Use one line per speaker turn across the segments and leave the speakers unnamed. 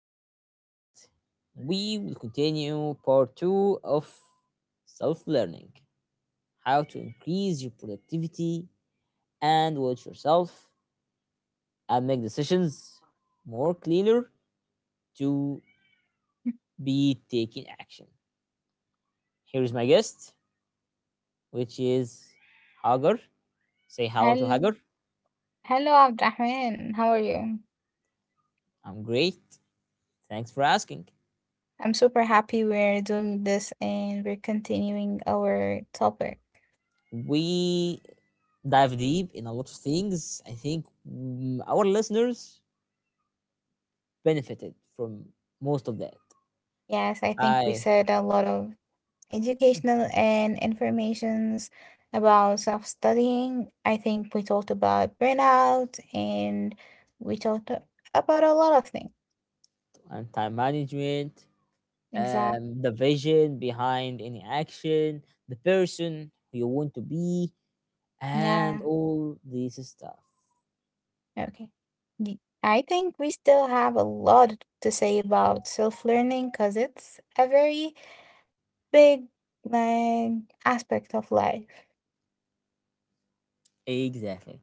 our podcast. We will continue part two of self learning, how to increase your productivity and watch yourself and make decisions more clearer to be taking action. Here is my guest, which is Hagar. Say hello to
Hel
Hagar.
hello, Abdrahman. How are you?
I'm great. Thanks for asking.
I'm super happy we're doing this and we're continuing our topic.
We dive deep in a lot of things. I think our listeners benefited from most of that.
Yes, I think we
I
said a lot of educational and informations about self-studying. I think we talked about burnout and we talked about a lot of things.
And time management,
Exact.
the vision behind any action, the person who you want to be,
Yeah.
and all this stuff.
Okay. Y- I think we still have a lot to say about self-learning because it's a very big, like, aspect of life.
Exactly.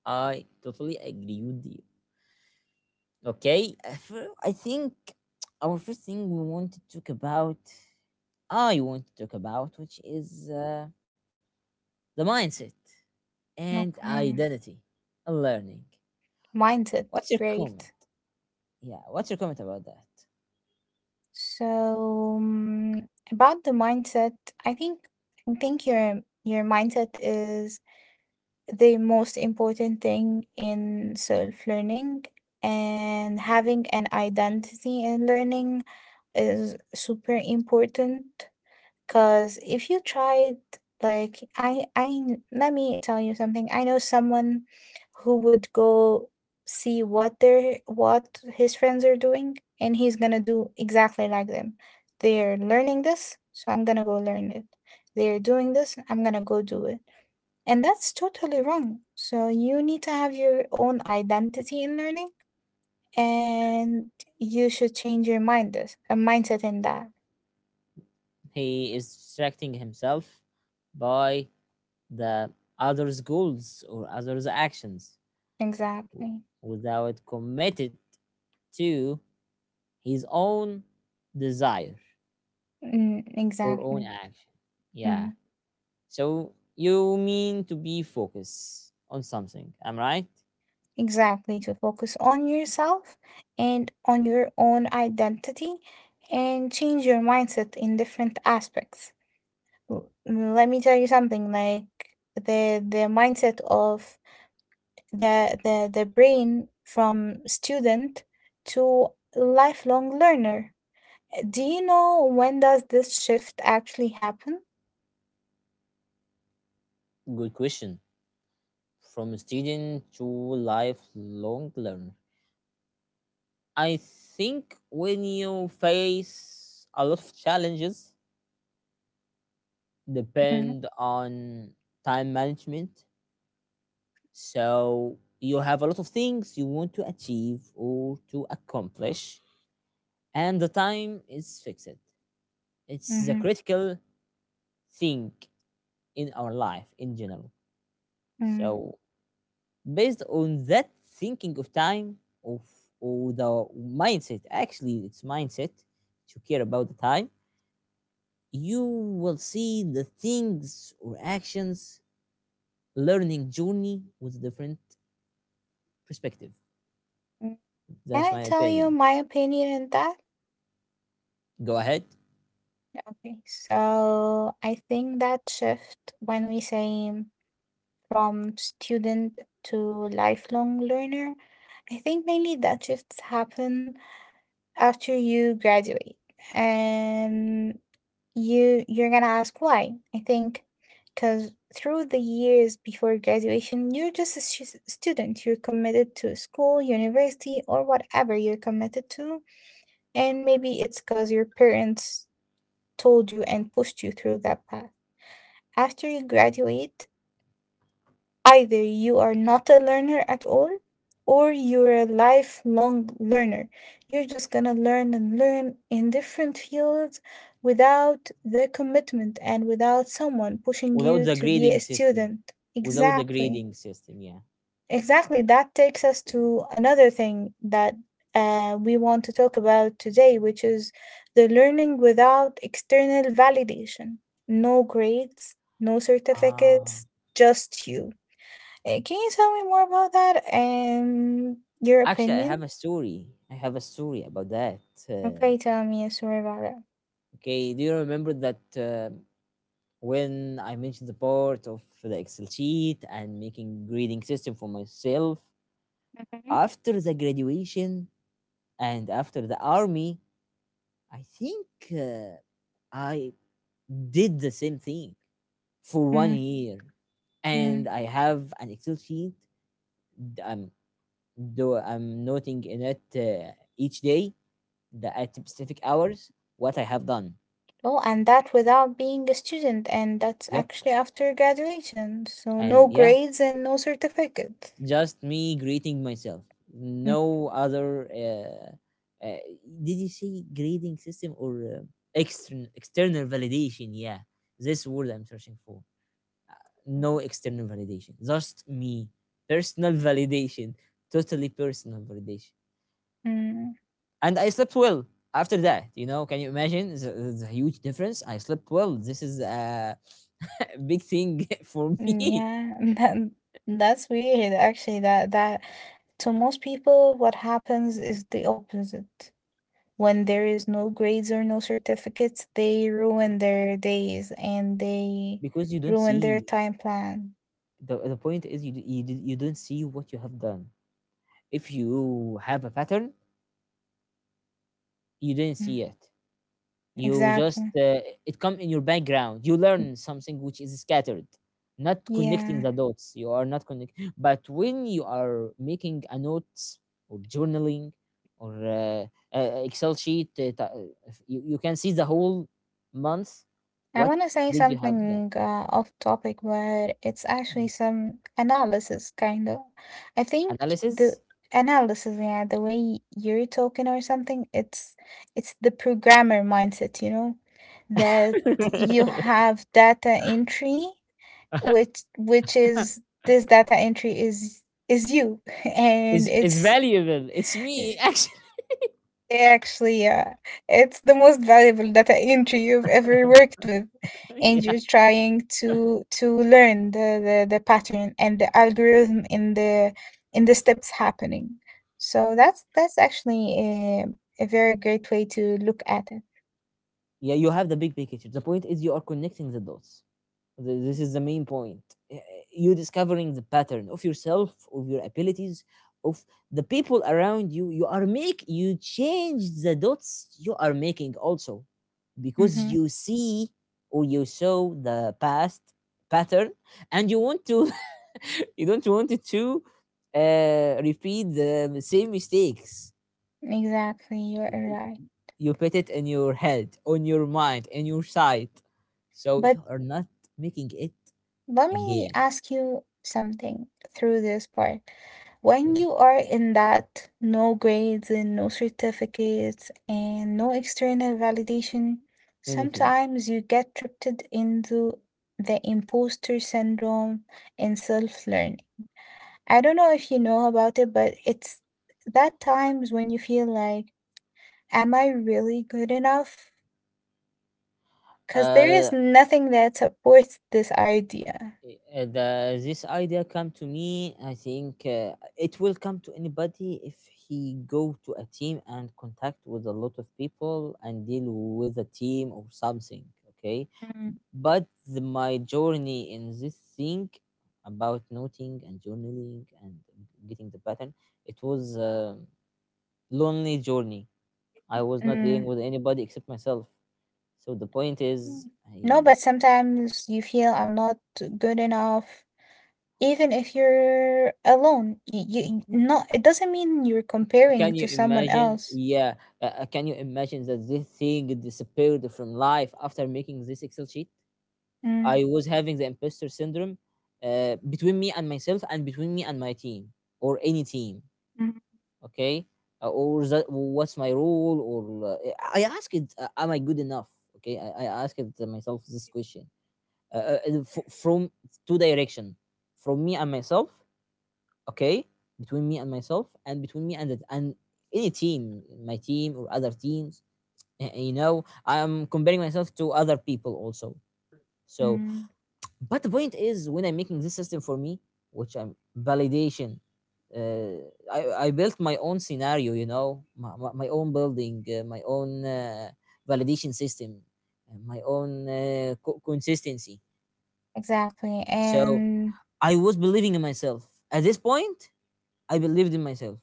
I totally agree with you. Okay, I think our first thing we want to talk about, I want to talk about, which is the mindset and
Okay.
identity and learning.
Mindset.
What's your
Great.
comment? Yeah, what's your comment about that?
So, about the mindset, I think your mindset is the most important thing in self learning, and having an identity in learning is super important. Cause if you tried, like, let me tell you something. I know someone who would go see what his friends are doing, and he's gonna do exactly like them. They're learning this, so I'm gonna go learn it. They're doing this, I'm gonna go do it. And that's totally wrong. So you need to have your own identity in learning, and you should change your mind this a mindset in that.
He is distracting himself by the other's goals or other's actions w-
Exactly.
without committed to his own desire or own
Exactly.
action. Yeah.
Mm,
So you mean to be focused on something, am I right?
exactly, to focus on yourself and on your own identity, and change your mindset in different aspects. Let me tell you something, like, the mindset of the brain from student to lifelong learner. Do you know when does this shift actually happen?
Good question. From student to lifelong learner. I think when you face a lot of challenges,
Mm-hmm.
depend on time management. So you have a lot of things you want to achieve or to accomplish, and the time is fixed. It's the
Mm-hmm.
critical thing in our life in general.
Mm-hmm.
So based on that thinking of time of or the mindset, actually it's mindset to care about the time, you will see the things or actions learning journey with a different perspective.
Can
That's
I
my
tell you
opinion.
my opinion in that?
Go ahead.
Okay, so I think that shift when we say from student to lifelong learner. I think mainly that shifts happen after you graduate, and you're gonna ask why. I think because through the years before graduation, you're just a student. You're committed to school, university, or whatever you're committed to. And maybe it's because your parents told you and pushed you through that path. After you graduate, either you are not a learner at all, or you're a lifelong learner. You're just gonna learn and learn in different fields without the commitment and without someone pushing
Without
you
the
to be a
grading system,
student.
without the
Exactly.
grading system, yeah.
Exactly. That takes us to another thing that we want to talk about today, which is the learning without external validation. No grades, no
Ah,
certificates, just you. Can you tell me more about that and your
actually, I have
opinion?
a story. I have a story about that. uh,
Okay, tell me a story about it.
okay do you remember that when I mentioned the part of the excel sheet and making grading system for myself after the graduation and after the army? I think uh, I did the same thing for one
Hmm.
year, and
Hmm.
I have an Excel sheet. d- I'm I'm noting in it each day the at specific hours what I have done.
Oh, and that without being a student, and that's
Yep,
actually after graduation. So
and
no
yeah,
grades and no certificate.
just me greeting myself.
Mhm.
No other. Uh, did you say grading system or extern external validation? Yeah, this word I'm searching for. No
Mhm.
external validation, just me. Personal validation, totally personal validation.
Mm.
And I slept well after that. You know, can you imagine? It's a huge difference. I slept well. This is a big thing for me
Yeah, that's weird. Actually, that that to most people, what happens is the opposite. When there is no grades or no certificates, they ruin their days and they
because you don't
ruin their
see.
time plan.
The point is, you don't see what you have done. If you have a pattern, you didn't
Mm.
see it. You just
Exactly.
it come in your background, you learn something which is scattered, not connecting the
Yeah.
dots, you are not connect. But when you are making a notes or journaling or excel sheet, if you, you can see the whole month
I
what
want to say
did you have done.
something off topic, but it's
Mm.
actually some analysis kind of. I think the
Analysis.
analysis, yeah, the way you're talking or something, it's the programmer mindset, that you have data entry, which is this data entry is you, and
Is
it's
valuable, it's me actually.
Actually, yeah, it's the most valuable data entry you've ever worked with, and
Yeah,
you're trying to learn the pattern and the algorithm in the steps happening. So that's actually a very great way to look at it.
yeah, you have the big picture. The point is you are connecting the dots. This is the main point. Y- You discovering the pattern of yourself, of your abilities, of the people around you. You are make you change the dots you are making also, because
Hmm.
you see or you saw the past pattern, and you want to you don't want it to repeat the same mistakes.
Exactly, you're
y-
right.
You put it in your head, on your mind, in your sight. So
But
you are not making it
let me
again.
ask you something through this part. When
Okay,
you are in that no grades and no certificates and no external validation,
anything.
sometimes you get tripped into the imposter syndrome and self-learning. I don't know if you know about it, but it's that times when you feel like, am I really good enough? Because there is
Uh,
nothing that supports this idea.
the this idea come to me. I think it will come to anybody if he go to a team and contact with a lot of people and deal with a team or something. Okay,
Mm.
but the, my journey in this thing about noting and journaling and getting the pattern, it was a lonely journey. I was not dealing
Mm.
with anybody except myself. So the point is,
Mm. No,
I
but sometimes you feel I'm not good enough, even if you're alone. You not, it doesn't mean you're comparing
can you
to someone
imagine?
else.
Yeah, can you imagine that this thing disappeared from life after making this Excel sheet?
Mm.
I was having the imposter syndrome between me and myself, and between me and my team or any team.
Mm.
Okay, or that, what's my role? Or I ask it, am I good enough? Okay, I ask it myself this question, from two direction, from me and myself, okay, between me and myself and between me and and any team, my team or other teams. You know, I'm comparing myself to other people also. So
Mm.
but the point is when I'm making this system for me, which I'm validation, uh, I, I built my own scenario, you know, my own building, my own validation system, my own consistency.
Exactly.
So
And
I was believing in myself. At this point, I believed in myself.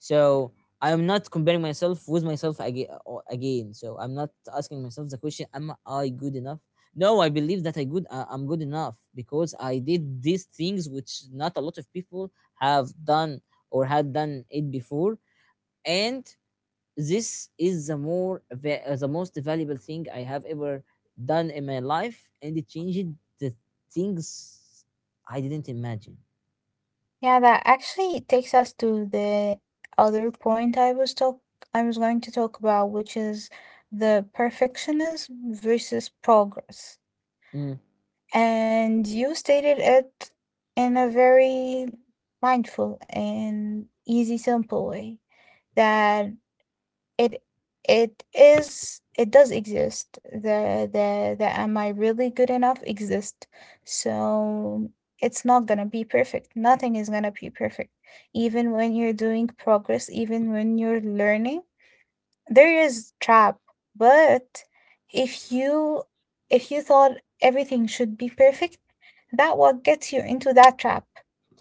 So I'm not comparing myself with myself aga or again. So I'm not asking myself the question, am I good enough? No, I believe that I good. I'm good enough, because I did these things which not a lot of people have done or had done it before, and this is the most valuable thing I have ever done in my life, and it changed the things I didn't imagine.
yeah, that actually takes us to the other point I was going to talk about, which is the perfectionism versus progress.
Mm.
And you stated it in a very mindful and easy, simple way that it it does exist. The am I really good enough exist. So it's not gonna be perfect. Nothing is gonna be perfect. Even when you're doing progress, even when you're learning, there is trap, but if you if you thought everything should be perfect, that what gets you into that trap.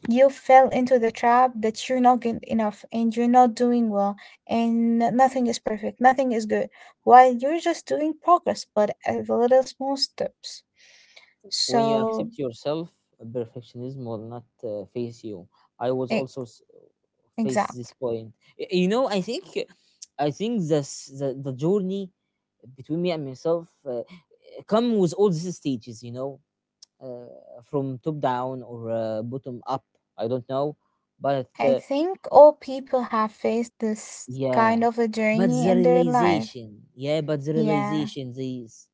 You fell into the trap that you're not good enough and you're not doing well, and nothing is perfect, nothing is good, while you're just doing progress, but at the little small steps.
When you
So,
accept yourself, perfectionism will not face you. i was
e-
also s- face this
exactly.
point. You know, I think, I think this the journey between me and myself come with all these stages, you know, from top down or bottom up, I don't know, but
I think all people have faced this kind
yeah,
of a
but
journey
the
in their life.
realization, yeah, but the
Yeah,
realization, these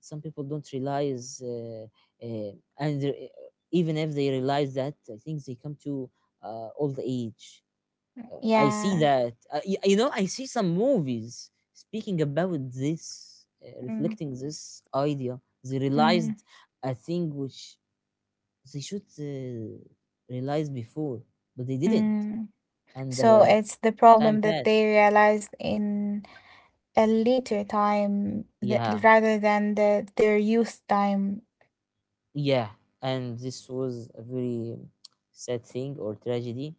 some people don't realize, uh, and even if they realize that, I think they come to old age. I see
yeah.
that, you know, I see some movies speaking about this,
Mm.
reflecting this idea. They
Mm.
realized a thing which they should realize before, but they didn't,
Mm.
and
So
the
it's the
time
problem that
passed.
they realized in a later time that,
Yeah.
rather than their youth time.
Yeah, and this was a very sad thing or tragedy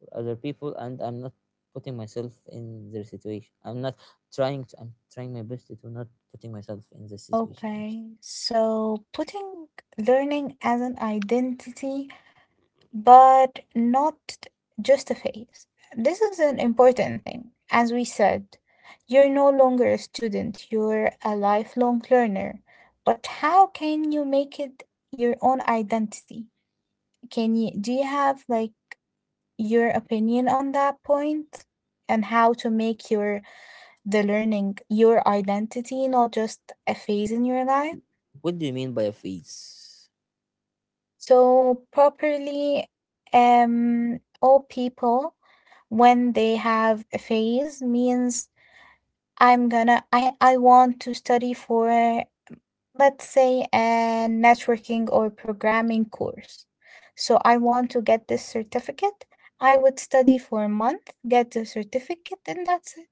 for other people, and I'm not putting myself in their situation. I'm not trying to, I'm trying my best to not putting myself in this situation actually.
Okay, so putting learning as an identity, but not just a phase. This is an important thing. As we said, you're no longer a student, you're a lifelong learner. But how can you make it your own identity? Can you do you have, like, your opinion on that point and how to make your the learning your identity, not just a phase in your life?
What do you mean by a phase?
So properly, all people when they have a phase means I'm gonna I want to study for, let's say, a networking or programming course. So I want to get this certificate. I would study for a month, get the certificate, and that's it.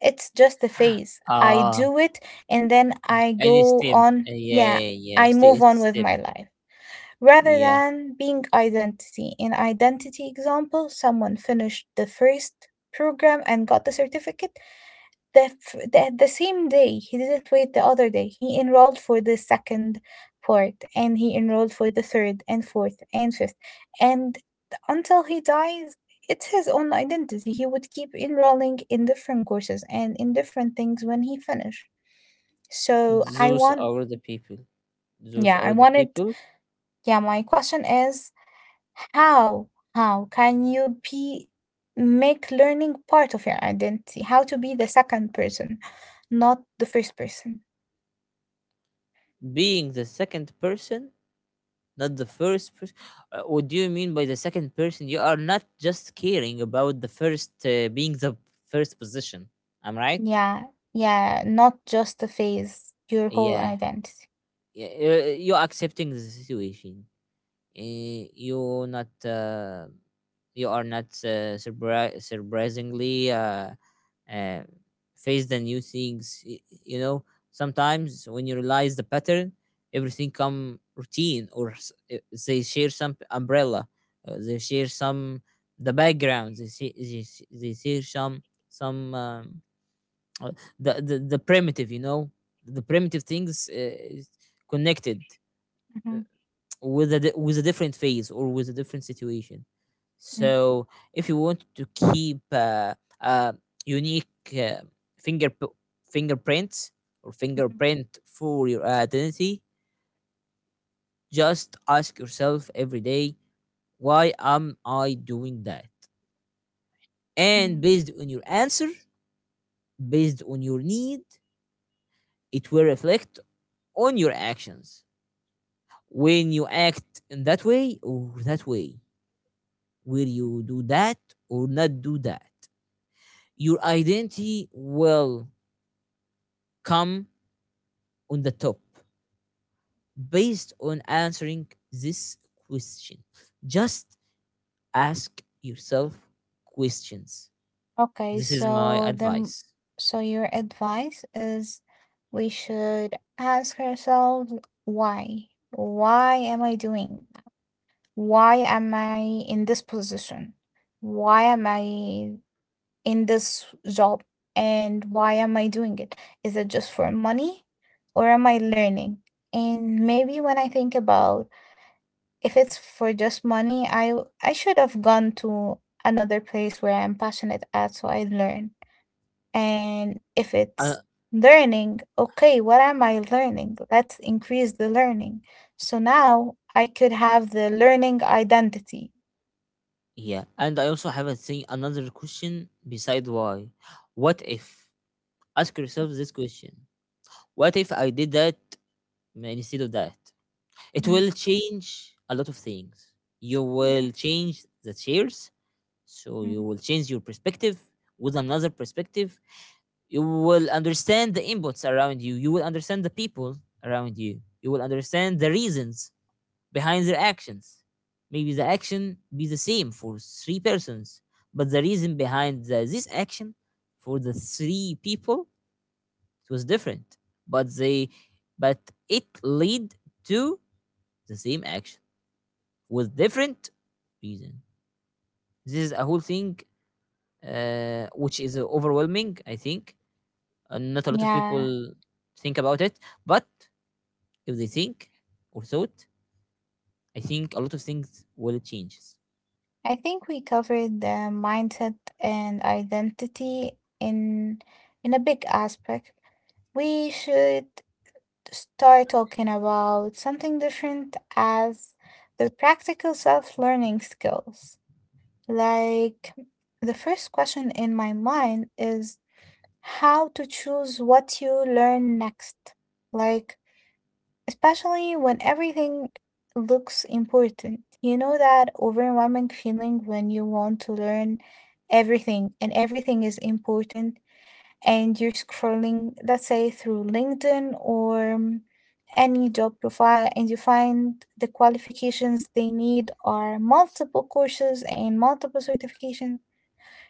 It's just a phase. I
Ah,
do it and then I
any
go
step.
on.
Yeah,
Yeah,
yeah,
I
stay,
move
it's a
on with
step.
my life rather
Yeah,
than being identity. In identity example, someone finished the first program and got the certificate the, f- the same day, he didn't wait the other day, he enrolled for the second part, and he enrolled for the third and fourth and fifth, and until he dies, it's his own identity. He would keep enrolling in different courses and in different things when he finished. So I
those
want
are the people, those
yeah I
are the
wanted
people
yeah my question is, how can you be make learning part of your identity? How to be the second person, not the first person?
being the second person, not the first person. What do you mean by the second person? You are not just caring about the first being the first position. I'm right?
Yeah, yeah, not just a phase, your whole
Yeah.
identity.
Yeah. Uh, you're accepting the situation. You not you are not surprisingly uh, face the new things. You know, sometimes when you realize the pattern, everything come routine or they share some umbrella, they share some the background, they see they, they share some uh, the the primitive. You know, the primitive things is connected
Mhm.
with a different phase or with a different situation.
Mm.
So if you want to keep uh, unique, uh, finger fingerprints or
Mhm.
fingerprint for your identity, just ask yourself every day, why am I doing that? And
Mm.
based on your answer, based on your need, it will reflect on your actions. When you act in that way or that way, will you do that or not do that? Your identity will come on the top based on answering this question. Just ask yourself questions.
Okay,
This is my
so then,
advice.
so your advice is we should ask ourselves, why? Why am I doing that? Why am I in this position? Why am I in this job and why am I doing it? Is it just for money, or am I learning? And maybe when I think about, if it's for just money, I should have gone to another place where I'm passionate at so I learn. And if
Uh,
it's learning, okay, what am I learning? Let's increase the learning. So now I could have the learning identity.
yeah, and I also have a thing another question beside why. What if? Ask yourself this question. What if I did that instead of that? It
Mhm.
will change a lot of things. You will change the chairs. So you
Mhm.
will change your perspective with another perspective. You will understand the inputs around you. You will understand the people around you. You will understand the reasons behind their actions. Maybe the action be the same for three persons, but the reason behind this action for the three people, it was different. But they, but it lead to the same action with different reason. This is a whole thing which is overwhelming, I think. And not a lot of
Yeah.
people think about it. But if they think or thought, I think a lot of things will change.
I think we covered the mindset and identity in a big aspect. We should start talking about something different as the practical self-learning skills. Like, the first question in my mind is how to choose what you learn next. Like, especially when everything looks important. You know that overwhelming feeling when you want to learn everything and everything is important, and you're scrolling, let's say, through LinkedIn or any job profile, and you find the qualifications they need are multiple courses and multiple certifications.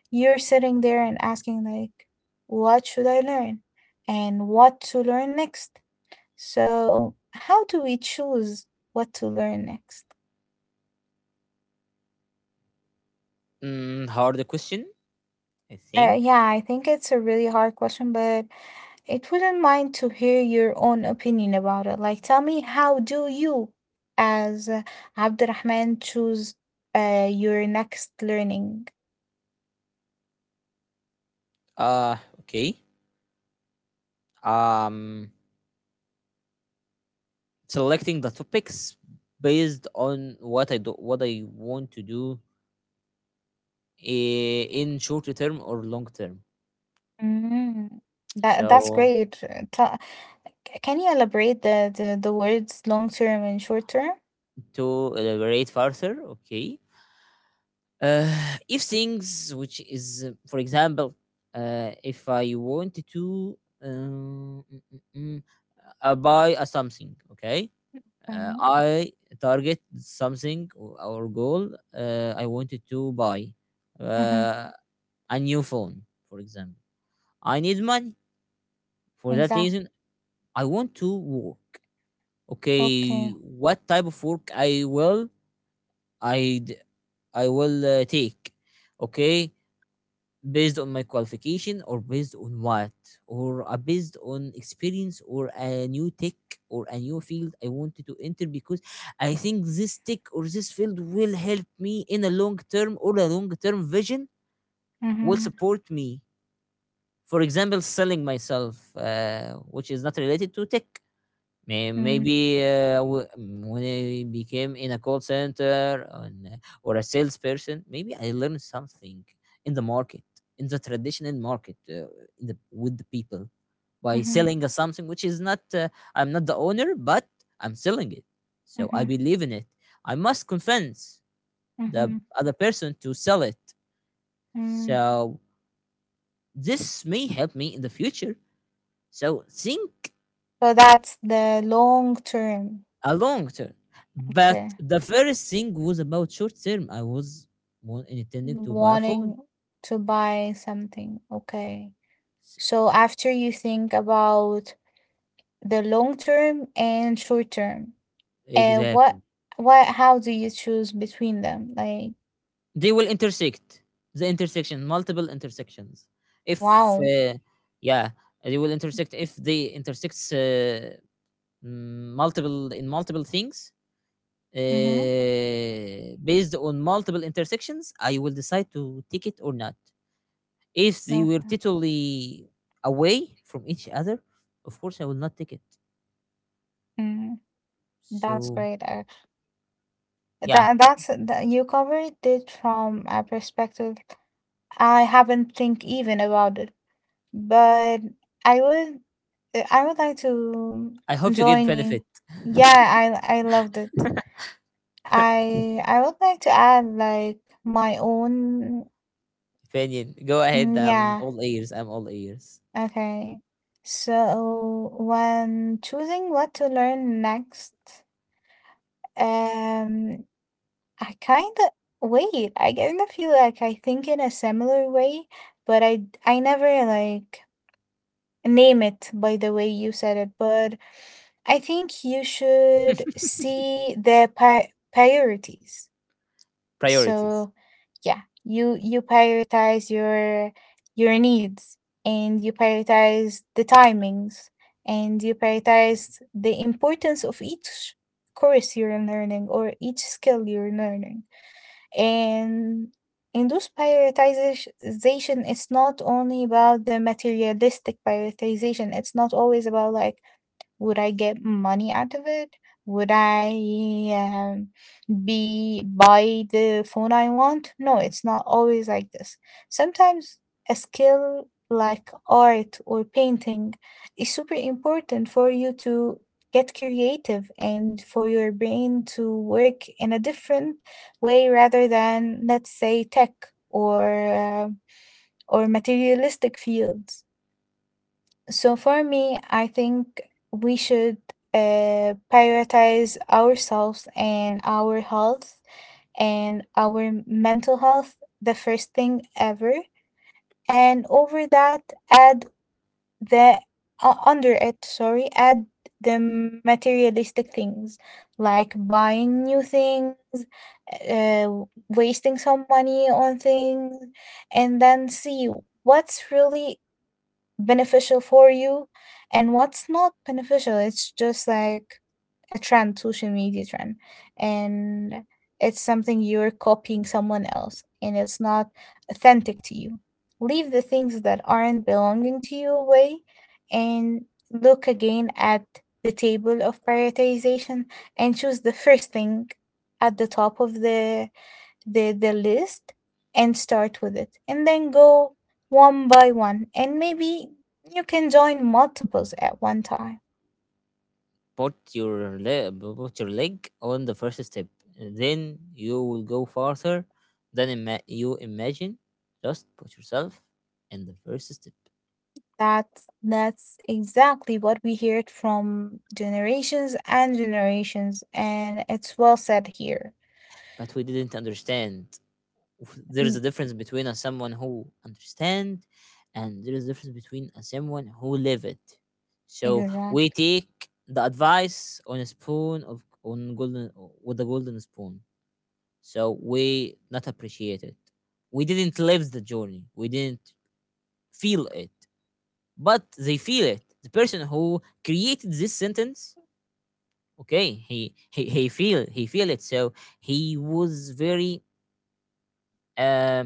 You're sitting there and asking, like, what should I learn? And what to learn next? So, how do we choose what to learn next?
Mm, hard question, I think.
Yeah, I think it's a really hard question, but it wouldn't mind to hear your own opinion about it. Like, tell me, how do you, as Abdurrahman, choose your next learning?
Okay. Um, selecting the topics based on what I do, what I want to do in short term or long term.
Mm, that's
So
great. Can you elaborate the words long term and short term?
to elaborate further, okay. Uh, if things, which is, for example, if I wanted to buy a something, okay, uh,
Mm-hmm.
I target something or our goal. I wanted to buy uh, a new phone, for example. I need money for that
Exactly.
reason. I want to work. Okay,
Okay.
what type of work I will I d- I will take? Okay, based on my qualification or based on what or based on experience or a new tech or a new field I wanted to enter because I think this tech or this field will help me in a long term or a long term vision will
Mm-hmm.
support me, for example selling myself, which is not related to tech.
Mm-hmm.
When I became in a call center and, or a salesperson, maybe I learned something in the market, in the traditional market, in the with the people by selling a something which is not. I'm not the owner, but I'm selling it, so I
Mm-hmm.
believe in it. I must convince the
Mm-hmm.
other person to sell it.
Mm.
So this may help me in the future. So think
So that's the long term.
a long term. But
Okay.
the first thing was about short term. I was intending to buy a phone.
Wanting to buy something. Okay. So after you think about the long term and short term, and
Exactly.
what how do you choose between them? Like,
They will intersect the intersection, multiple intersections. If,
wow.
yeah, they will intersect. If they intersect multiple in multiple things.
Mm-hmm.
Based on multiple intersections, I will decide to take it or not. If they were
Okay.
totally away from each other, of course I will not take it.
Mm, that's
So
great. Uh,
yeah,
that that's that you covered it from a perspective I haven't think even about it, but I would I would like to
I hope you get
join you.
benefit.
Yeah, I loved it. I would like to add, like, my own
Opinion. Go ahead. I'm
yeah,
all ears. I'm all ears.
okay. So when choosing what to learn next, um I kind of feel like I think in a similar way, but I never like name it by the way you said it, but I think you should see their priorities.
Priorities.
So, yeah, you prioritize your needs, and you prioritize the timings, and you prioritize the importance of each course you're learning or each skill you're learning, and in those prioritization, it's not only about the materialistic prioritization. It's not always about, like, would I get money out of it? Would I be buy the phone I want? No, it's not always like this. Sometimes a skill like art or painting is super important for you to get creative and for your brain to work in a different way rather than, let's say, tech or uh, or materialistic fields. So for me, I think we should prioritize ourselves and our health and our mental health the first thing ever. And over that, add the under it, sorry, add the materialistic things like buying new things, uh, wasting some money on things, and then see what's really beneficial for you and what's not beneficial. It's just like a trend, social media trend. And it's something, you're copying someone else and it's not authentic to you. Leave the things that aren't belonging to you away and look again at the table of prioritization and choose the first thing at the top of the list and start with it and then go one by one, and maybe you can join multiples at one time.
Put your put your leg on the first step. Then you will go farther than you imagine. Just put yourself in the first step.
That's exactly what we heard from generations and generations, and it's well said here.
But we didn't understand. There is
Y-
a difference between a someone who understand, and there is a difference between a someone who live it. So we
exactly.
take the advice on a spoon of on golden with a golden spoon. So we not appreciate it, we didn't live the journey. We didn't feel it, but they feel it. The person who created this sentence, okay, he feel it. So he was very uh,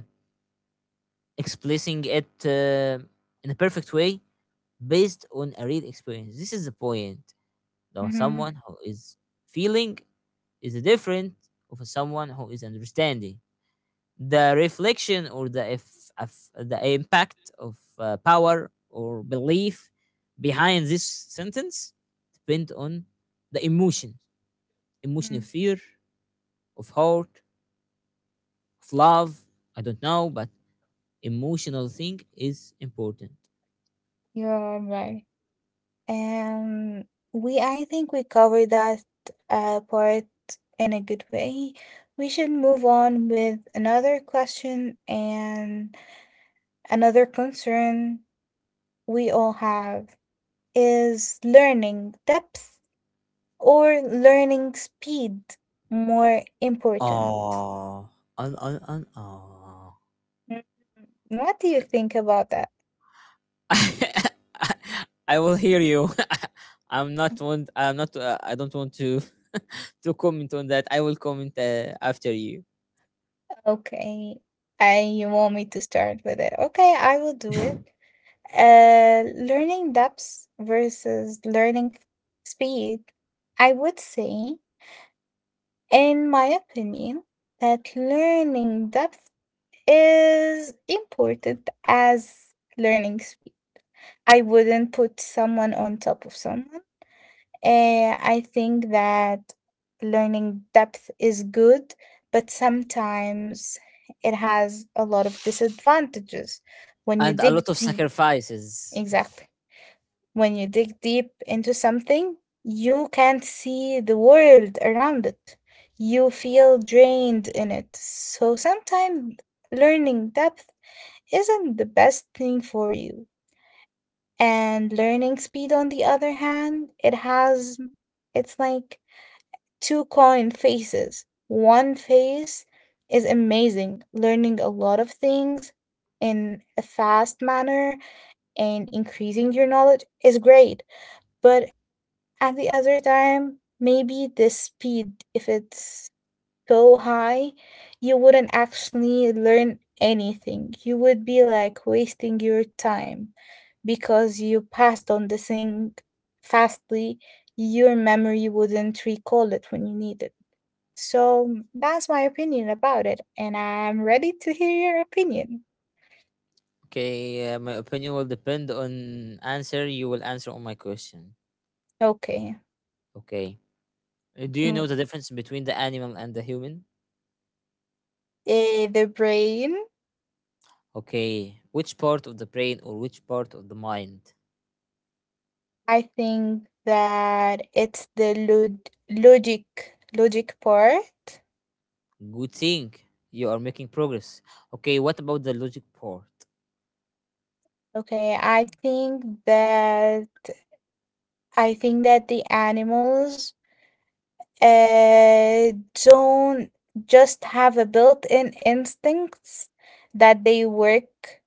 expressing it in a perfect way based on a real experience. This is the point. Now,
Hmm,
someone who is feeling is different of someone who is understanding. The reflection or the if, of- the impact of power or belief behind this sentence depend on the emotion, emotion of fear, of hurt, of love. I don't know, but emotional thing is important.
you're right. Um, we I think we covered that part in a good way. We should move on with another question, and another concern we all have is: learning depth or learning speed, more important?
Oh, on oh.
Mm, what do you think about that?
I will hear you. I'm not want I'm not I don't want to to comment on that. I will comment after you.
Okay, I you want me to start with it? Okay, I will do it. Learning depth versus learning speed. I would say, in my opinion, that learning depth is important as learning speed. I wouldn't put someone on top of someone. I think that learning depth is good, but sometimes it has a lot of disadvantages when you
And a
dig
lot of
deep.
sacrifices.
Exactly. When you dig deep into something, you can't see the world around it. You feel drained in it. So sometimes learning depth isn't the best thing for you. And learning speed, on the other hand, it has, it's like two coin faces. One face is amazing, learning a lot of things in a fast manner and increasing your knowledge is great. But at the other time, maybe the speed, if it's so high, you wouldn't actually learn anything. You would be like wasting your time because you passed on the thing fastly. Your memory wouldn't recall it when you need it. So that's my opinion about it, and I'm ready to hear your opinion.
Okay, my opinion will depend on answer you will answer on my question.
Okay.
Okay. Do you know
No,
the difference between the animal and the human?
eh, the brain.
Okay, which part of the brain or which part of the mind?
I think that it's the logic, logic part.
Good thing you are making progress. Okay, what about the logic part?
Okay, I think that the animals uh don't just have a built-in instincts that they work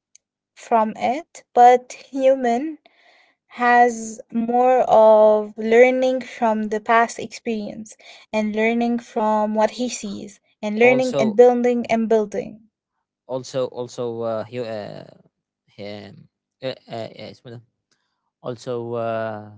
from it, but human has more of learning from the past experience, and learning from what he sees, and learning and
Also,
building and building.
also, Um. Yes, madam. also, uh,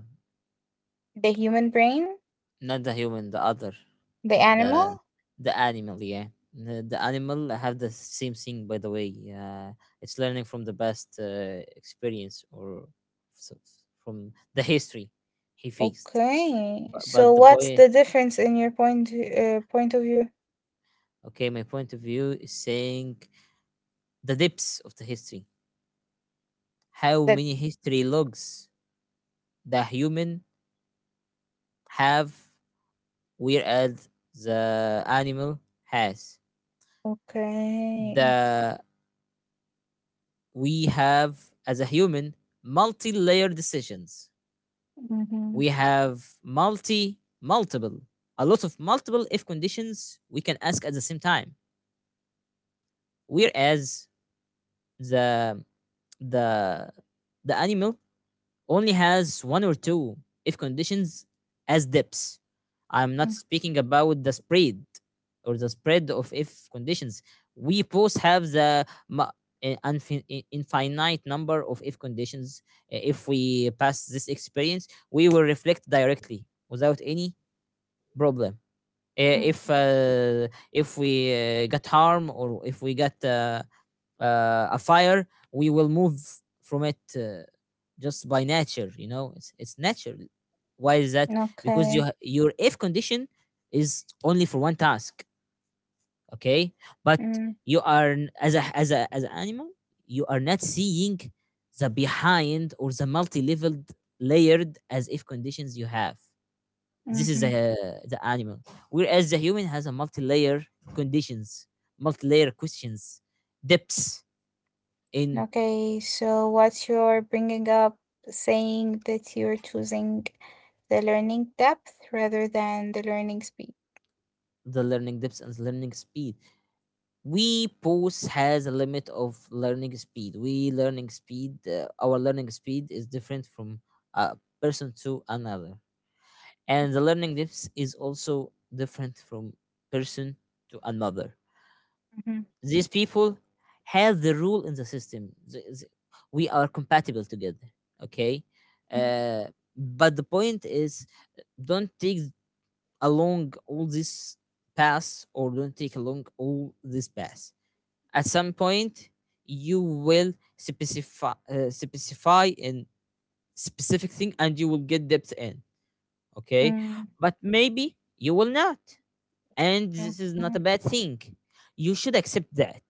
The human brain?
not the human, the other.
The
the
animal?
the animal, yeah, the animal have the same thing, by the way. It's learning from the best experience or so- from the history he faced.
Okay.
But
So
the
what's
boy,
the difference in your point of view?
okay, my point of view is saying the depths of the history, how
That
many history logs the human have, whereas the animal has.
okay.
The we have as a human multi-layer decisions.
Mm-hmm.
We have multiple, a lot of multiple if conditions we can ask at the same time. Whereas the the the animal only has one or two if conditions as depths. I'm not speaking about the spread or the spread of if conditions. We both have i- infinite number of if conditions. If we pass this experience, we will reflect directly without any problem.
Mm-hmm.
Uh, If uh, if we get harm or if we get a fire, we will move from it, just by nature. You know, it's natural. Why is that? Because you
Okay.
your if condition is only for one task. Okay, but you are as a as a as an animal, you are not seeing the behind or the multi-leveled layered as if conditions you have. This is
Mm-hmm.
the animal. Whereas the human has a multi-layer conditions, multi-layer questions, depths in
Okay. So what's your bringing up saying that you're choosing the learning depth rather than the learning speed?
the learning depths and learning speed. We pose has a limit of learning speed. Our learning speed is different from a person to another, and the learning depths is also different from person to another. These people have the rule in the system. We are compatible together. Okay. Uh, but the point is, don't take along all this path or don't take along all this path. At some point, you will specify in specific thing and you will get depth in. Okay, but maybe you will not, and this is not
Mm-hmm.
a bad thing. You should accept that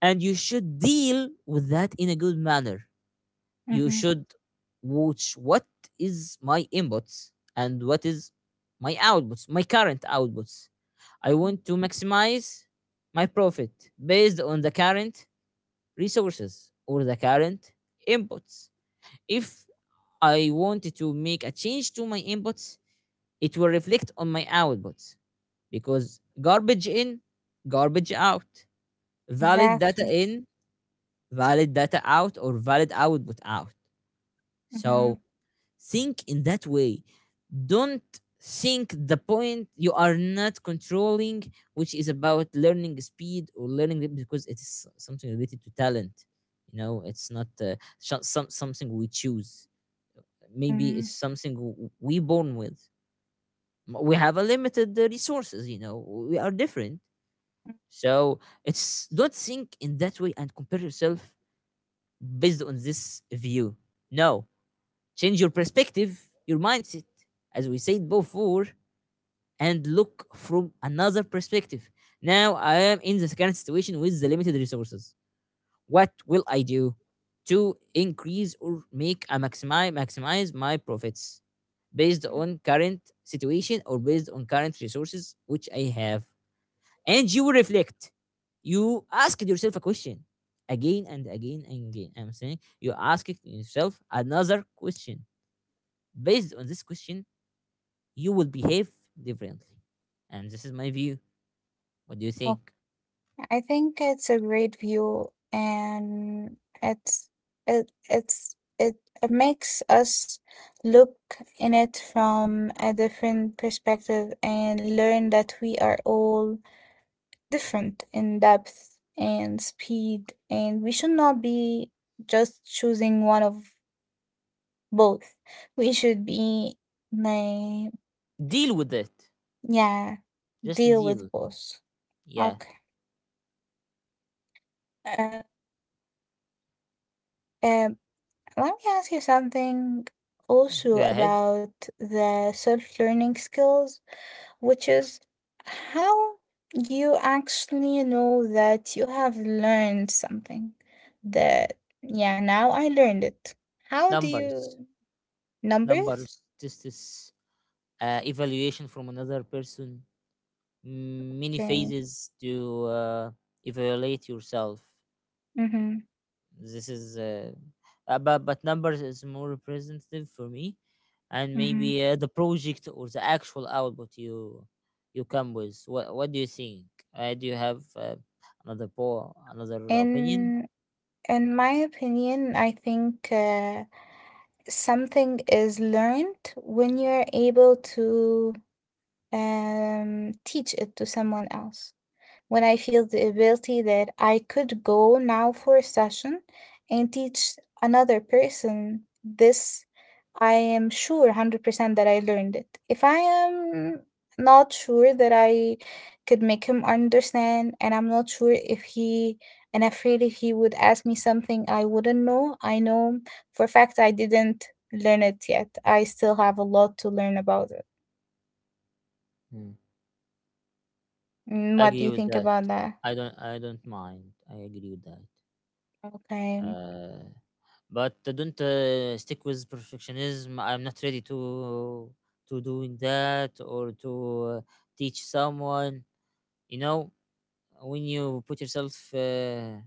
and you should deal with that in a good manner. You
Mm-hmm.
should watch what is my inputs and what is my outputs, my current outputs. I want to maximize my profit based on the current resources or the current inputs. If I wanted to make a change to my inputs, it will reflect on my outputs. Because garbage in, garbage out, valid data
Exactly.
in, valid data out, or valid output out.
Mm-hmm.
So think in that way. Don't think the point you are not controlling, which is about learning speed or learning it, because it's something related to talent. You know, it's not some something we choose. Maybe
Mm-hmm.
it's something we born with. We have a limited resources. You know, we are different. So it's don't think in that way and compare yourself based on this view. No, change your perspective, your mindset, as we said before, and look from another perspective. Now I am in the current situation with the limited resources. What will I do to increase or make I maximize maximize my profits based
Mm-hmm.
on current situation or based on current resources which I have? And you reflect. You ask yourself a question again and again and again. I'm saying you ask yourself another question. Based on this question, you will behave differently. And this is my view. What do you think?
I think it's a great view, and it's it, it makes us look in it from a different perspective and learn that we are all different in depth and speed, and we should not be just choosing one of both. We should be like,
Deal with it.
yeah,
Just
deal with
deal.
both.
Yeah.
Okay. Uh, um, let me ask you something also
Go ahead.
about the self-learning skills, which is how you actually know that you have learned something. That, yeah, now I learned it. How do you
Numbers.
numbers?
Numbers. This is evaluation from another person. Many
Okay.
phases to evaluate yourself.
Mm-hmm.
This is but numbers is more representative for me, and
Mm-hmm.
maybe the project or the actual output you you come with. What do you think? Do you have another po another opinion?
In in my opinion, I think something is learned when you're able to teach it to someone else. When I feel the ability that I could go now for a session and teach another person this, I am sure 100% that I learned it. If I am not sure that I could make him understand, and I'm not sure if he and afraid if he would ask me something I wouldn't know, I know for a fact I didn't learn it yet. I still have a lot to learn about it.
Hmm.
Mm,
I
what do
agree
you
with
think
that.
about that?
I don't mind. I agree with that.
Okay.
Uh, but don't stick with perfectionism. I'm not ready to doing that or to teach someone. You know, when you put yourself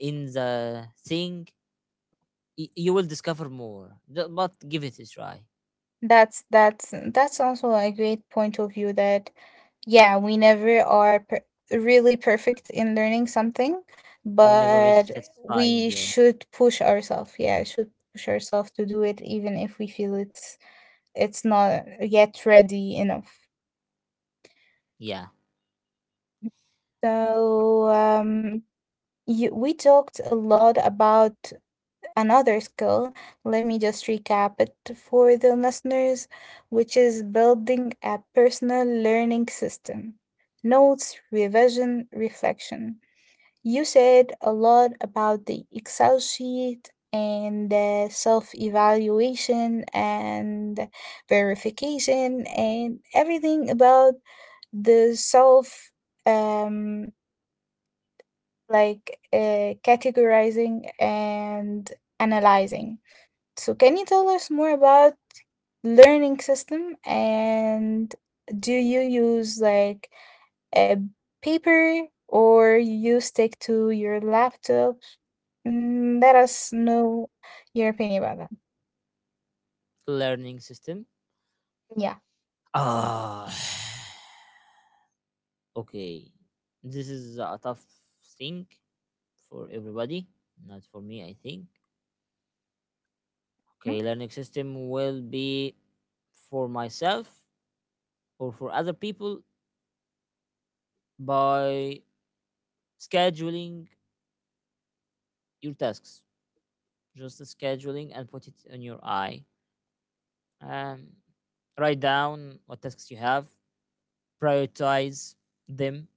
in the thing, you will discover more. But give it a try.
That's also a great point of view. That yeah, we never are really perfect in learning something,
We never
but
reach satisfying.
we
Yeah,
should push ourselves. Yeah, should push ourselves to do it even if we feel it's not yet ready enough.
yeah.
So um, you, we talked a lot about another skill. Let me just recap it for the listeners, which is building a personal learning system: notes, revision, reflection. You said a lot about the Excel sheet and the self evaluation and verification and everything about the self, um like categorizing and analyzing. So can you tell us more about learning system, and do you use like a paper or you stick to your laptop? Mm, let us know your opinion about that.
Learning system.
Yeah.
Ah, okay. This is a tough thing for everybody, not for me, I think.
Mm.
Okay, learning system will be for myself or for other people by scheduling your tasks, just the scheduling, and put it on your eye. Um, Write down what tasks you have, prioritize them,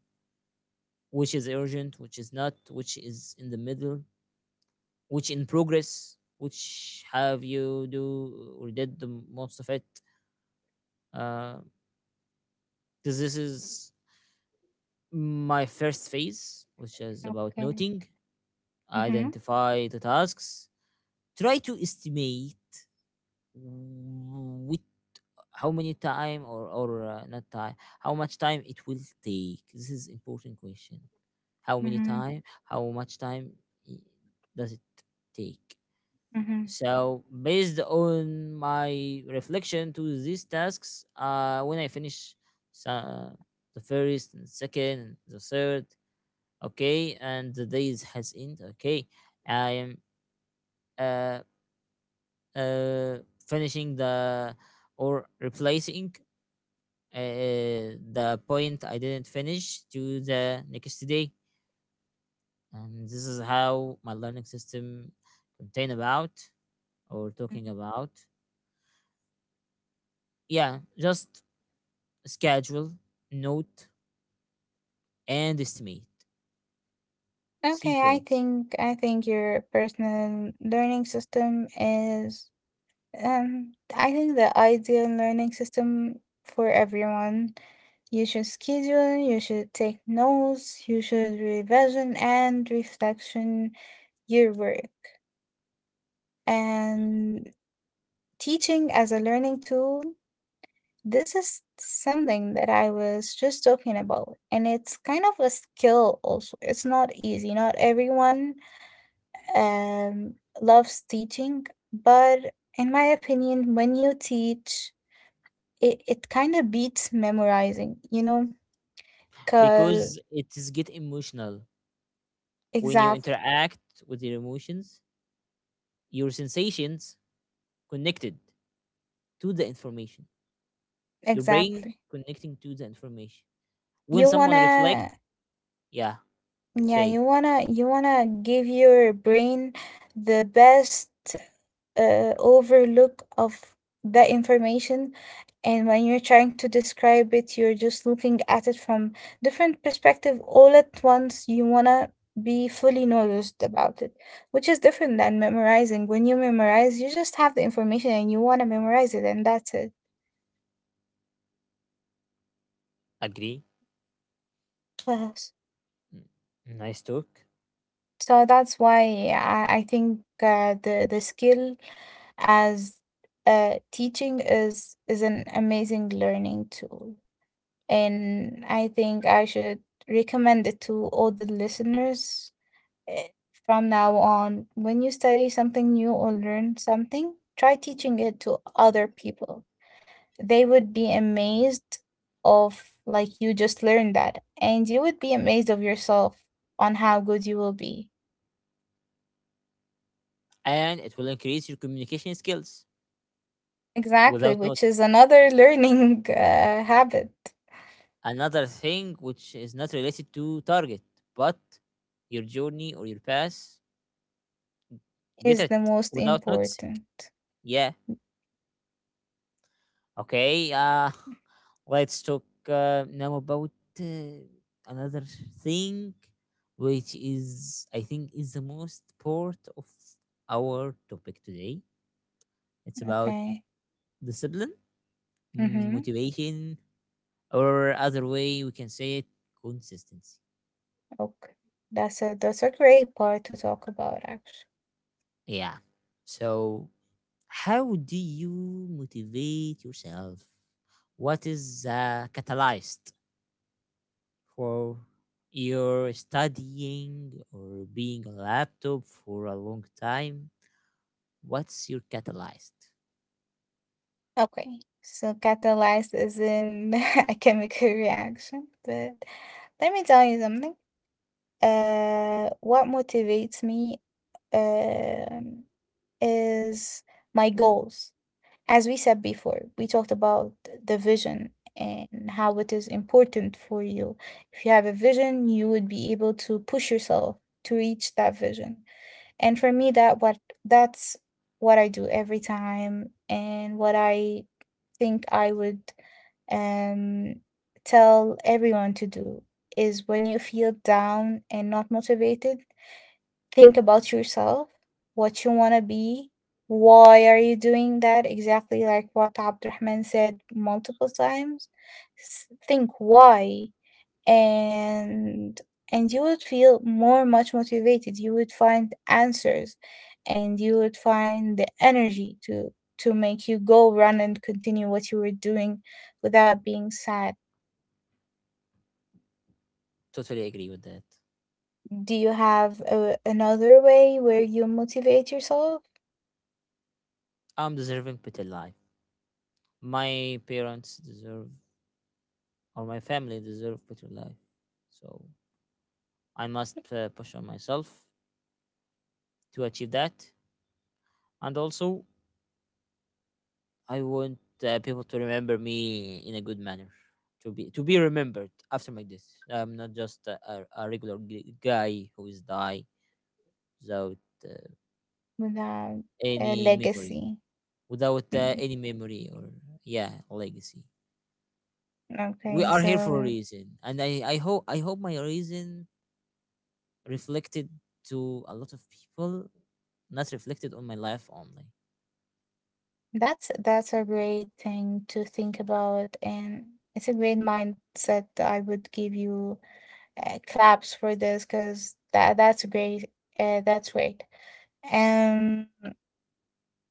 which is urgent, which is not, which is in the middle, which in progress, which have you do or did the most of it. Because this is my first phase, which is about
Okay.
noting,
Mm-hmm.
identify the tasks, try to estimate which how many time or not time, how much time it will take. This is important question. How many
Mm-hmm.
time, how much time i- does it take?
Mm-hmm.
So based on my reflection to these tasks, when I finish, so the first and second and the third, okay, and the days has end, okay, I am uh uh finishing the or replacing the point I didn't finish to the next day. And this is how my learning system contain about or talking about. Yeah, just schedule, note, and estimate. Three
Okay, I
points.
think I think your personal learning system is, um, I think the ideal learning system for everyone. You should schedule, you should take notes, you should revision and reflection your work. And teaching as a learning tool, this is something that I was just talking about. And it's kind of a skill also. It's not easy. Not everyone um, loves teaching, but in my opinion, when you teach, it kind of beats memorizing, you know? Cause
Because it is get emotional when you
exactly,
interact with your emotions, your sensations connected to the information. Your brain
exactly.
connecting to the information. When
You
someone reflect,
wanna,
yeah,
yeah,
say
you wanna give your brain the best overlook of that information, and when you're trying to describe it, you're just looking at it from different perspective all at once. You wanna be fully noticed about it, which is different than memorizing. When you memorize, you just have the information and you wanna memorize it, and that's
agree.
it.
Mm. Nice talk.
So that's why I think the skill as teaching is an amazing learning tool, and I think I should recommend it to all the listeners, eh, from now on. When you study something new or learn something, try teaching it to other people. They would be amazed of like you just learned that, and you would be amazed of yourself on how good you will be.
And it will increase your communication skills
Exactly,
without
which is
notice.
another learning habit
Another thing which is not related to target, but your journey or your path, get
is the
it
most
without noticing.
important.
Yeah. Okay. Let's talk now about uh, another thing, which is, I think, is the most part of our topic today. It's about
Okay.
discipline,
Mm-hmm.
motivation, or other way we can say it consistency.
Okay. That's a great part to talk about actually.
Yeah, so how do you motivate yourself? What is catalyzed for your studying or being a laptop for a long time? What's your catalyzed?
Okay. So catalyzed is in a chemical reaction, but let me tell you something. What motivates me? Um, is my goals. As we said before, we talked about the vision and how it is important for you. If you have a vision, you would be able to push yourself to reach that vision. And for me that's what I do every time, and what I think I would um tell everyone to do is when you feel down and not motivated, think about yourself, what you want to be, why are you doing that? Exactly like what Abdurrahman said multiple times. S- think why, and and you would feel more much motivated. You would find answers and you would find the energy to make you go run and continue what you were doing without being sad.
Totally agree with that.
Do you have a, another way where you motivate yourself?
I'm deserving better life. My parents deserve, or my family deserve better life. So I must push on myself to achieve that. And also I want people to remember me in a good manner, to be remembered after my death. I'm not just a regular guy who is die without uh,
Without a
any memory,
legacy.
without
Mm,
any memory or yeah legacy. We
okay,
are here for a
so
reason, and I hope I hope my reason reflected to a lot of people, not reflected on my life only.
that's a great thing to think about, and it's a great mindset. I would give you claps for this because that's great. That's great. Um.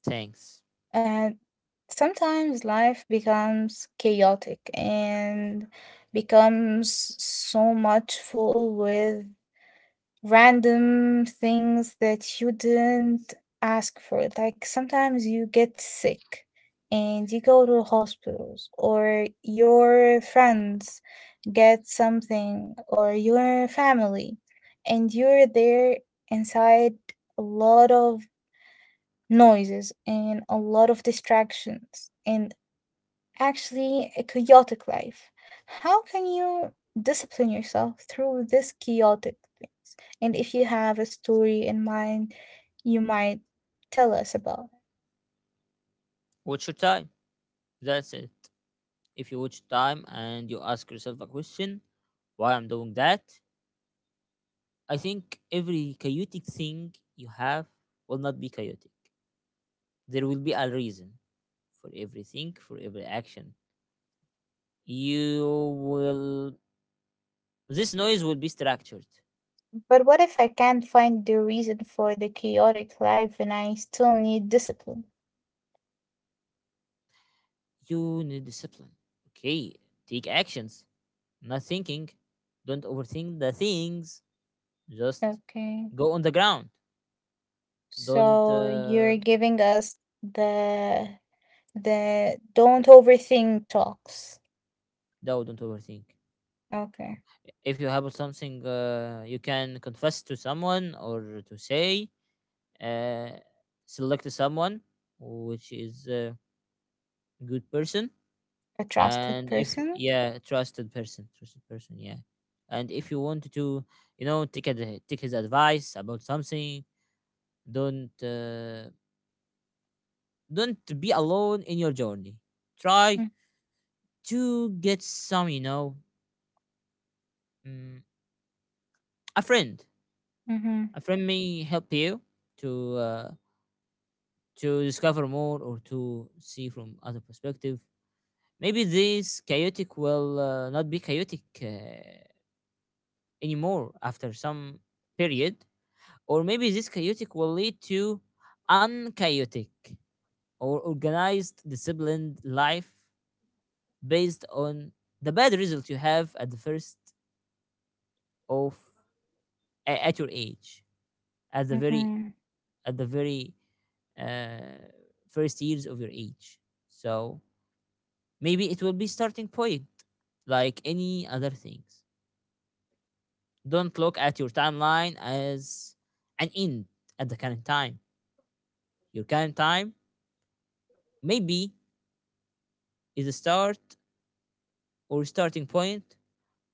Thanks.
And sometimes life becomes chaotic and becomes so much full with random things that you didn't ask for. Like sometimes you get sick and you go to hospitals, or your friends get something, or your family, and you're there inside a lot of noises and a lot of distractions and actually a chaotic life. How can you discipline yourself through this chaotic things? And if you have a story in mind, you might tell us about. It.
What's your time? That's it. If you watch time and you ask yourself a question, why I'm doing that, I think every chaotic thing you have will not be chaotic. There will be a reason for everything, for every action. You will, this noise will be structured.
But what if I can't find the reason for the chaotic life and I still need discipline?
You need discipline. Okay, take actions, not thinking. Don't overthink the things, just
Okay.
go on the ground. Don't,
So you're giving us the the don't overthink talks.
No, don't overthink.
Okay.
No. If you have something you can confess to someone or to say, uh, select someone which is a good person,
A trusted
and if
person?
yeah, trusted person, yeah. And if you want to, you know, take his advice about something, don't uh, don't be alone in your journey.
Mm,
Try to get some, you know, mm, a friend.
mhm,
A friend may help you to uh, to discover more or to see from other perspective. Maybe this chaotic will not be chaotic anymore after some period, or maybe this chaotic will lead to unchaotic or organized, disciplined life based on the bad result you have at the first of at your age, at the very
mhm.
at the very uh, first years of your age. So maybe it will be starting point like any other things. Don't look at your timeline as an end at the current time. Your current time maybe is a start or starting point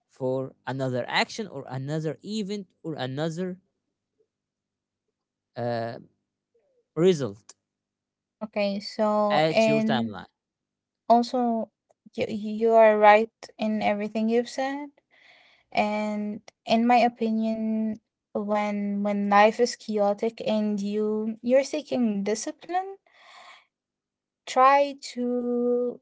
for another action or another event or another uh, result
Okay, so
at your
and
timeline.
also you are right in everything you've said. And in my opinion, when life is chaotic and you you're seeking discipline, try to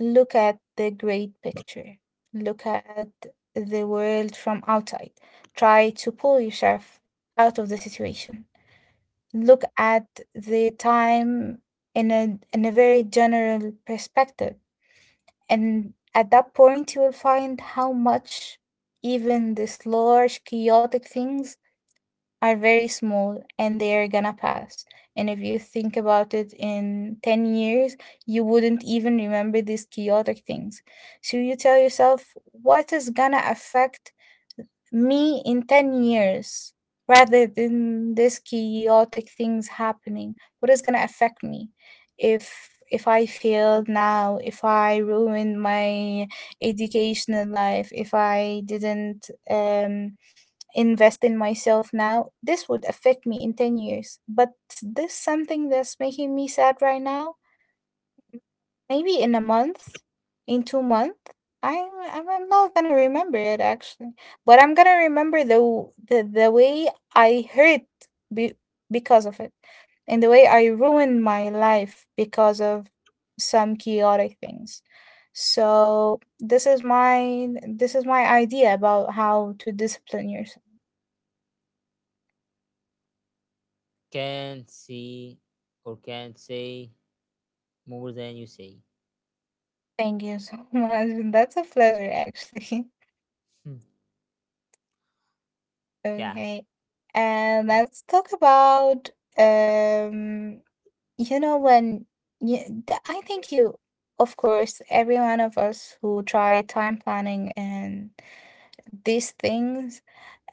look at the great picture. Look at the world from outside. Try to pull yourself out of the situation, look at the time in a very general perspective, and at that point you will find how much even these large chaotic things are very small and they are gonna pass. And if you think about it in 10 years, you wouldn't even remember these chaotic things. So you tell yourself, what is gonna affect me in 10 years, rather than this chaotic things happening, what is going to affect me if I failed now, if I ruined my educational life, if I didn't invest in myself now, this would affect me in 10 years. But this something that's making me sad right now, maybe in a month, in 2 months, I I'm not gonna remember it actually, but I'm gonna remember the the way I hurt be, because of it, and the way I ruined my life because of some chaotic things. So this is my idea about how to discipline yourself.
Can't see or can't say more than you say.
Thank you so much. That's a pleasure actually.
Hmm. Yeah,
Okay. And let's talk about um, you know, when you, I think you, of course, every one of us who try time planning and these things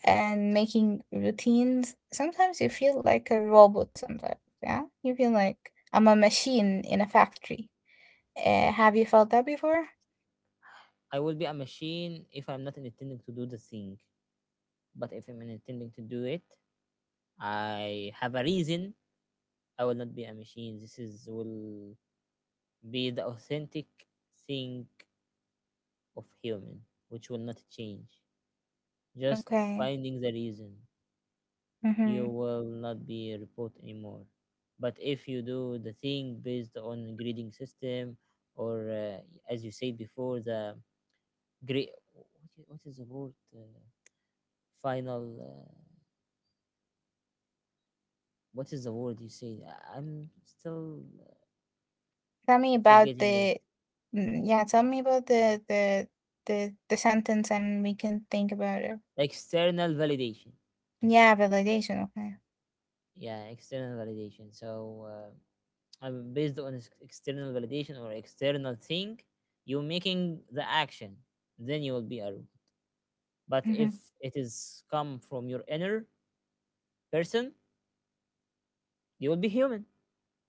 and making routines, sometimes you feel like a robot sometimes. Yeah. You feel like I'm a machine in a factory. Have you felt that before?
I will be a machine if I'm not intending to do the thing. But if I'm intending to do it, I have a reason. I will not be a machine. This is will be the authentic thing of human, which will not change. Just
Okay.
finding the reason,
Mm-hmm.
you will not be a robot anymore. But if you do the thing based on grading system, or as you said before, the great what is the word? Final. What is the word you say? I'm still
Tell me about
forgetting it.
the, mm, yeah, tell me about the sentence and we can think about it.
External validation.
Yeah, validation. Okay.
Yeah, external validation. So I'm based on external validation or external thing, you're making the action, then you will be a robot. But if
Mm-hmm.
it is come from your inner person, you will be human,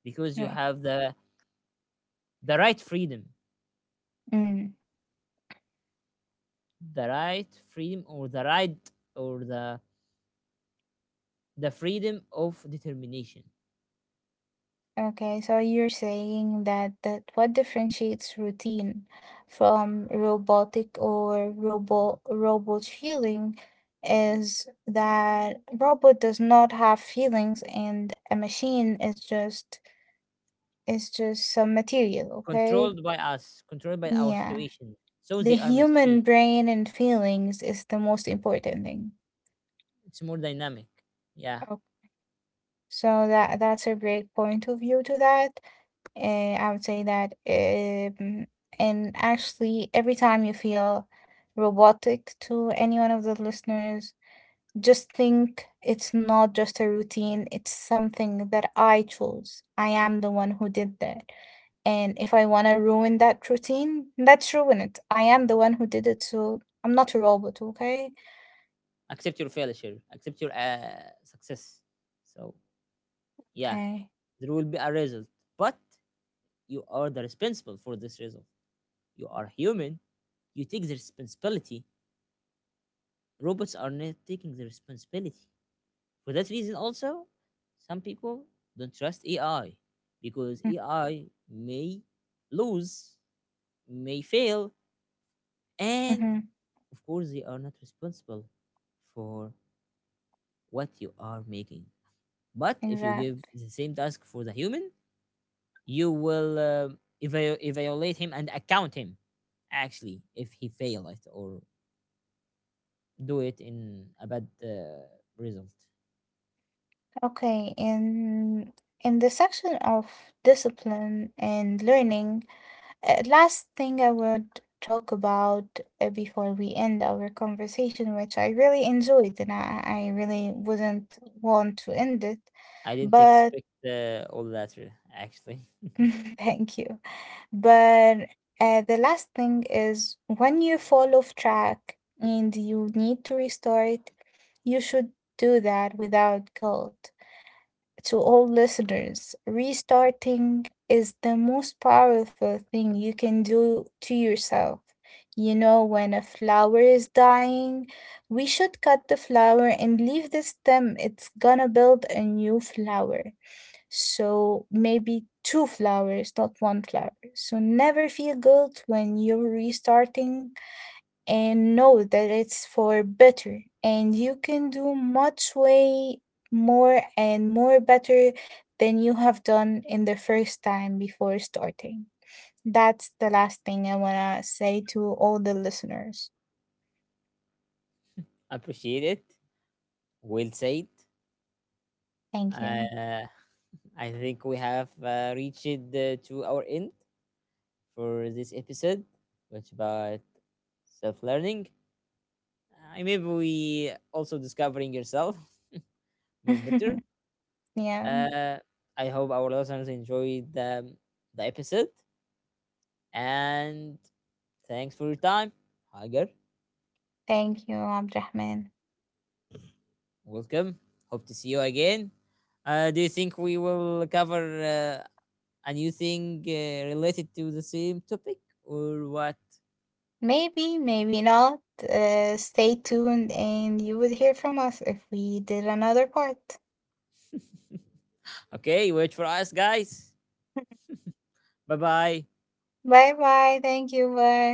because you have the right freedom,
Mm.
the right freedom, or the right, or the freedom of determination.
Okay, so you're saying that that what differentiates routine from robotic or robot feeling is that robot does not have feelings and a machine is just some material, okay?
Controlled by us, controlled by our
Yeah.
situation, so
The
they are
human
machines.
brain and feelings is the most important thing.
It's more dynamic, yeah.
Okay. So that that's a great point of view to that. I would say that, and actually, every time you feel robotic to any one of the listeners, just think it's not just a routine, it's something that I chose. I am the one who did that. And if I want to ruin that routine, let's ruin it. I am the one who did it, so I'm not a robot, okay?
Accept your failure, accept your success. So yeah,
Okay.
there will be a result, but you are the responsible for this result. You are human. You take the responsibility. Robots are not taking the responsibility. For that reason, also, some people don't trust AI, because
Mm,
AI may lose, may fail, and
mm-hmm.
of course, they are not responsible for what you are making. But if you give
Exactly.
the same task for the human, you will evaluate him and account him, actually, if he fail it or do it in a bad result.
Okay. And in the section of discipline and learning, uh, last thing I would talk about before we end our conversation, which I really enjoyed and I really wouldn't want to end it,
I didn't
but
expect all that actually.
thank you. But the last thing is when you fall off track and you need to restart, you should do that without guilt. To all listeners, restarting is the most powerful thing you can do to yourself. You know, when a flower is dying, we should cut the flower and leave the stem. It's gonna build a new flower. So maybe two flowers, not one flower. So never feel guilt when you're restarting, and know that it's for better and you can do much way more and more better than you have done in the first time before starting. That's the last thing I want to say to all the listeners.
Appreciate it. Well said.
Thank you.
Uh, I think we have reached to our end for this episode, which about self learning. Maybe we also discovering yourself more better.
Yeah,
Uh, I hope our listeners enjoyed the episode and thanks for your time. Hager,
thank you, Abdurrahman.
welcome. Hope to see you again. Do you think we will cover a new thing related to the same topic or what?
Maybe maybe not, stay tuned and you would hear from us if we did another part.
Okay, wait for us, guys. Bye bye.
Bye bye, thank you, bye.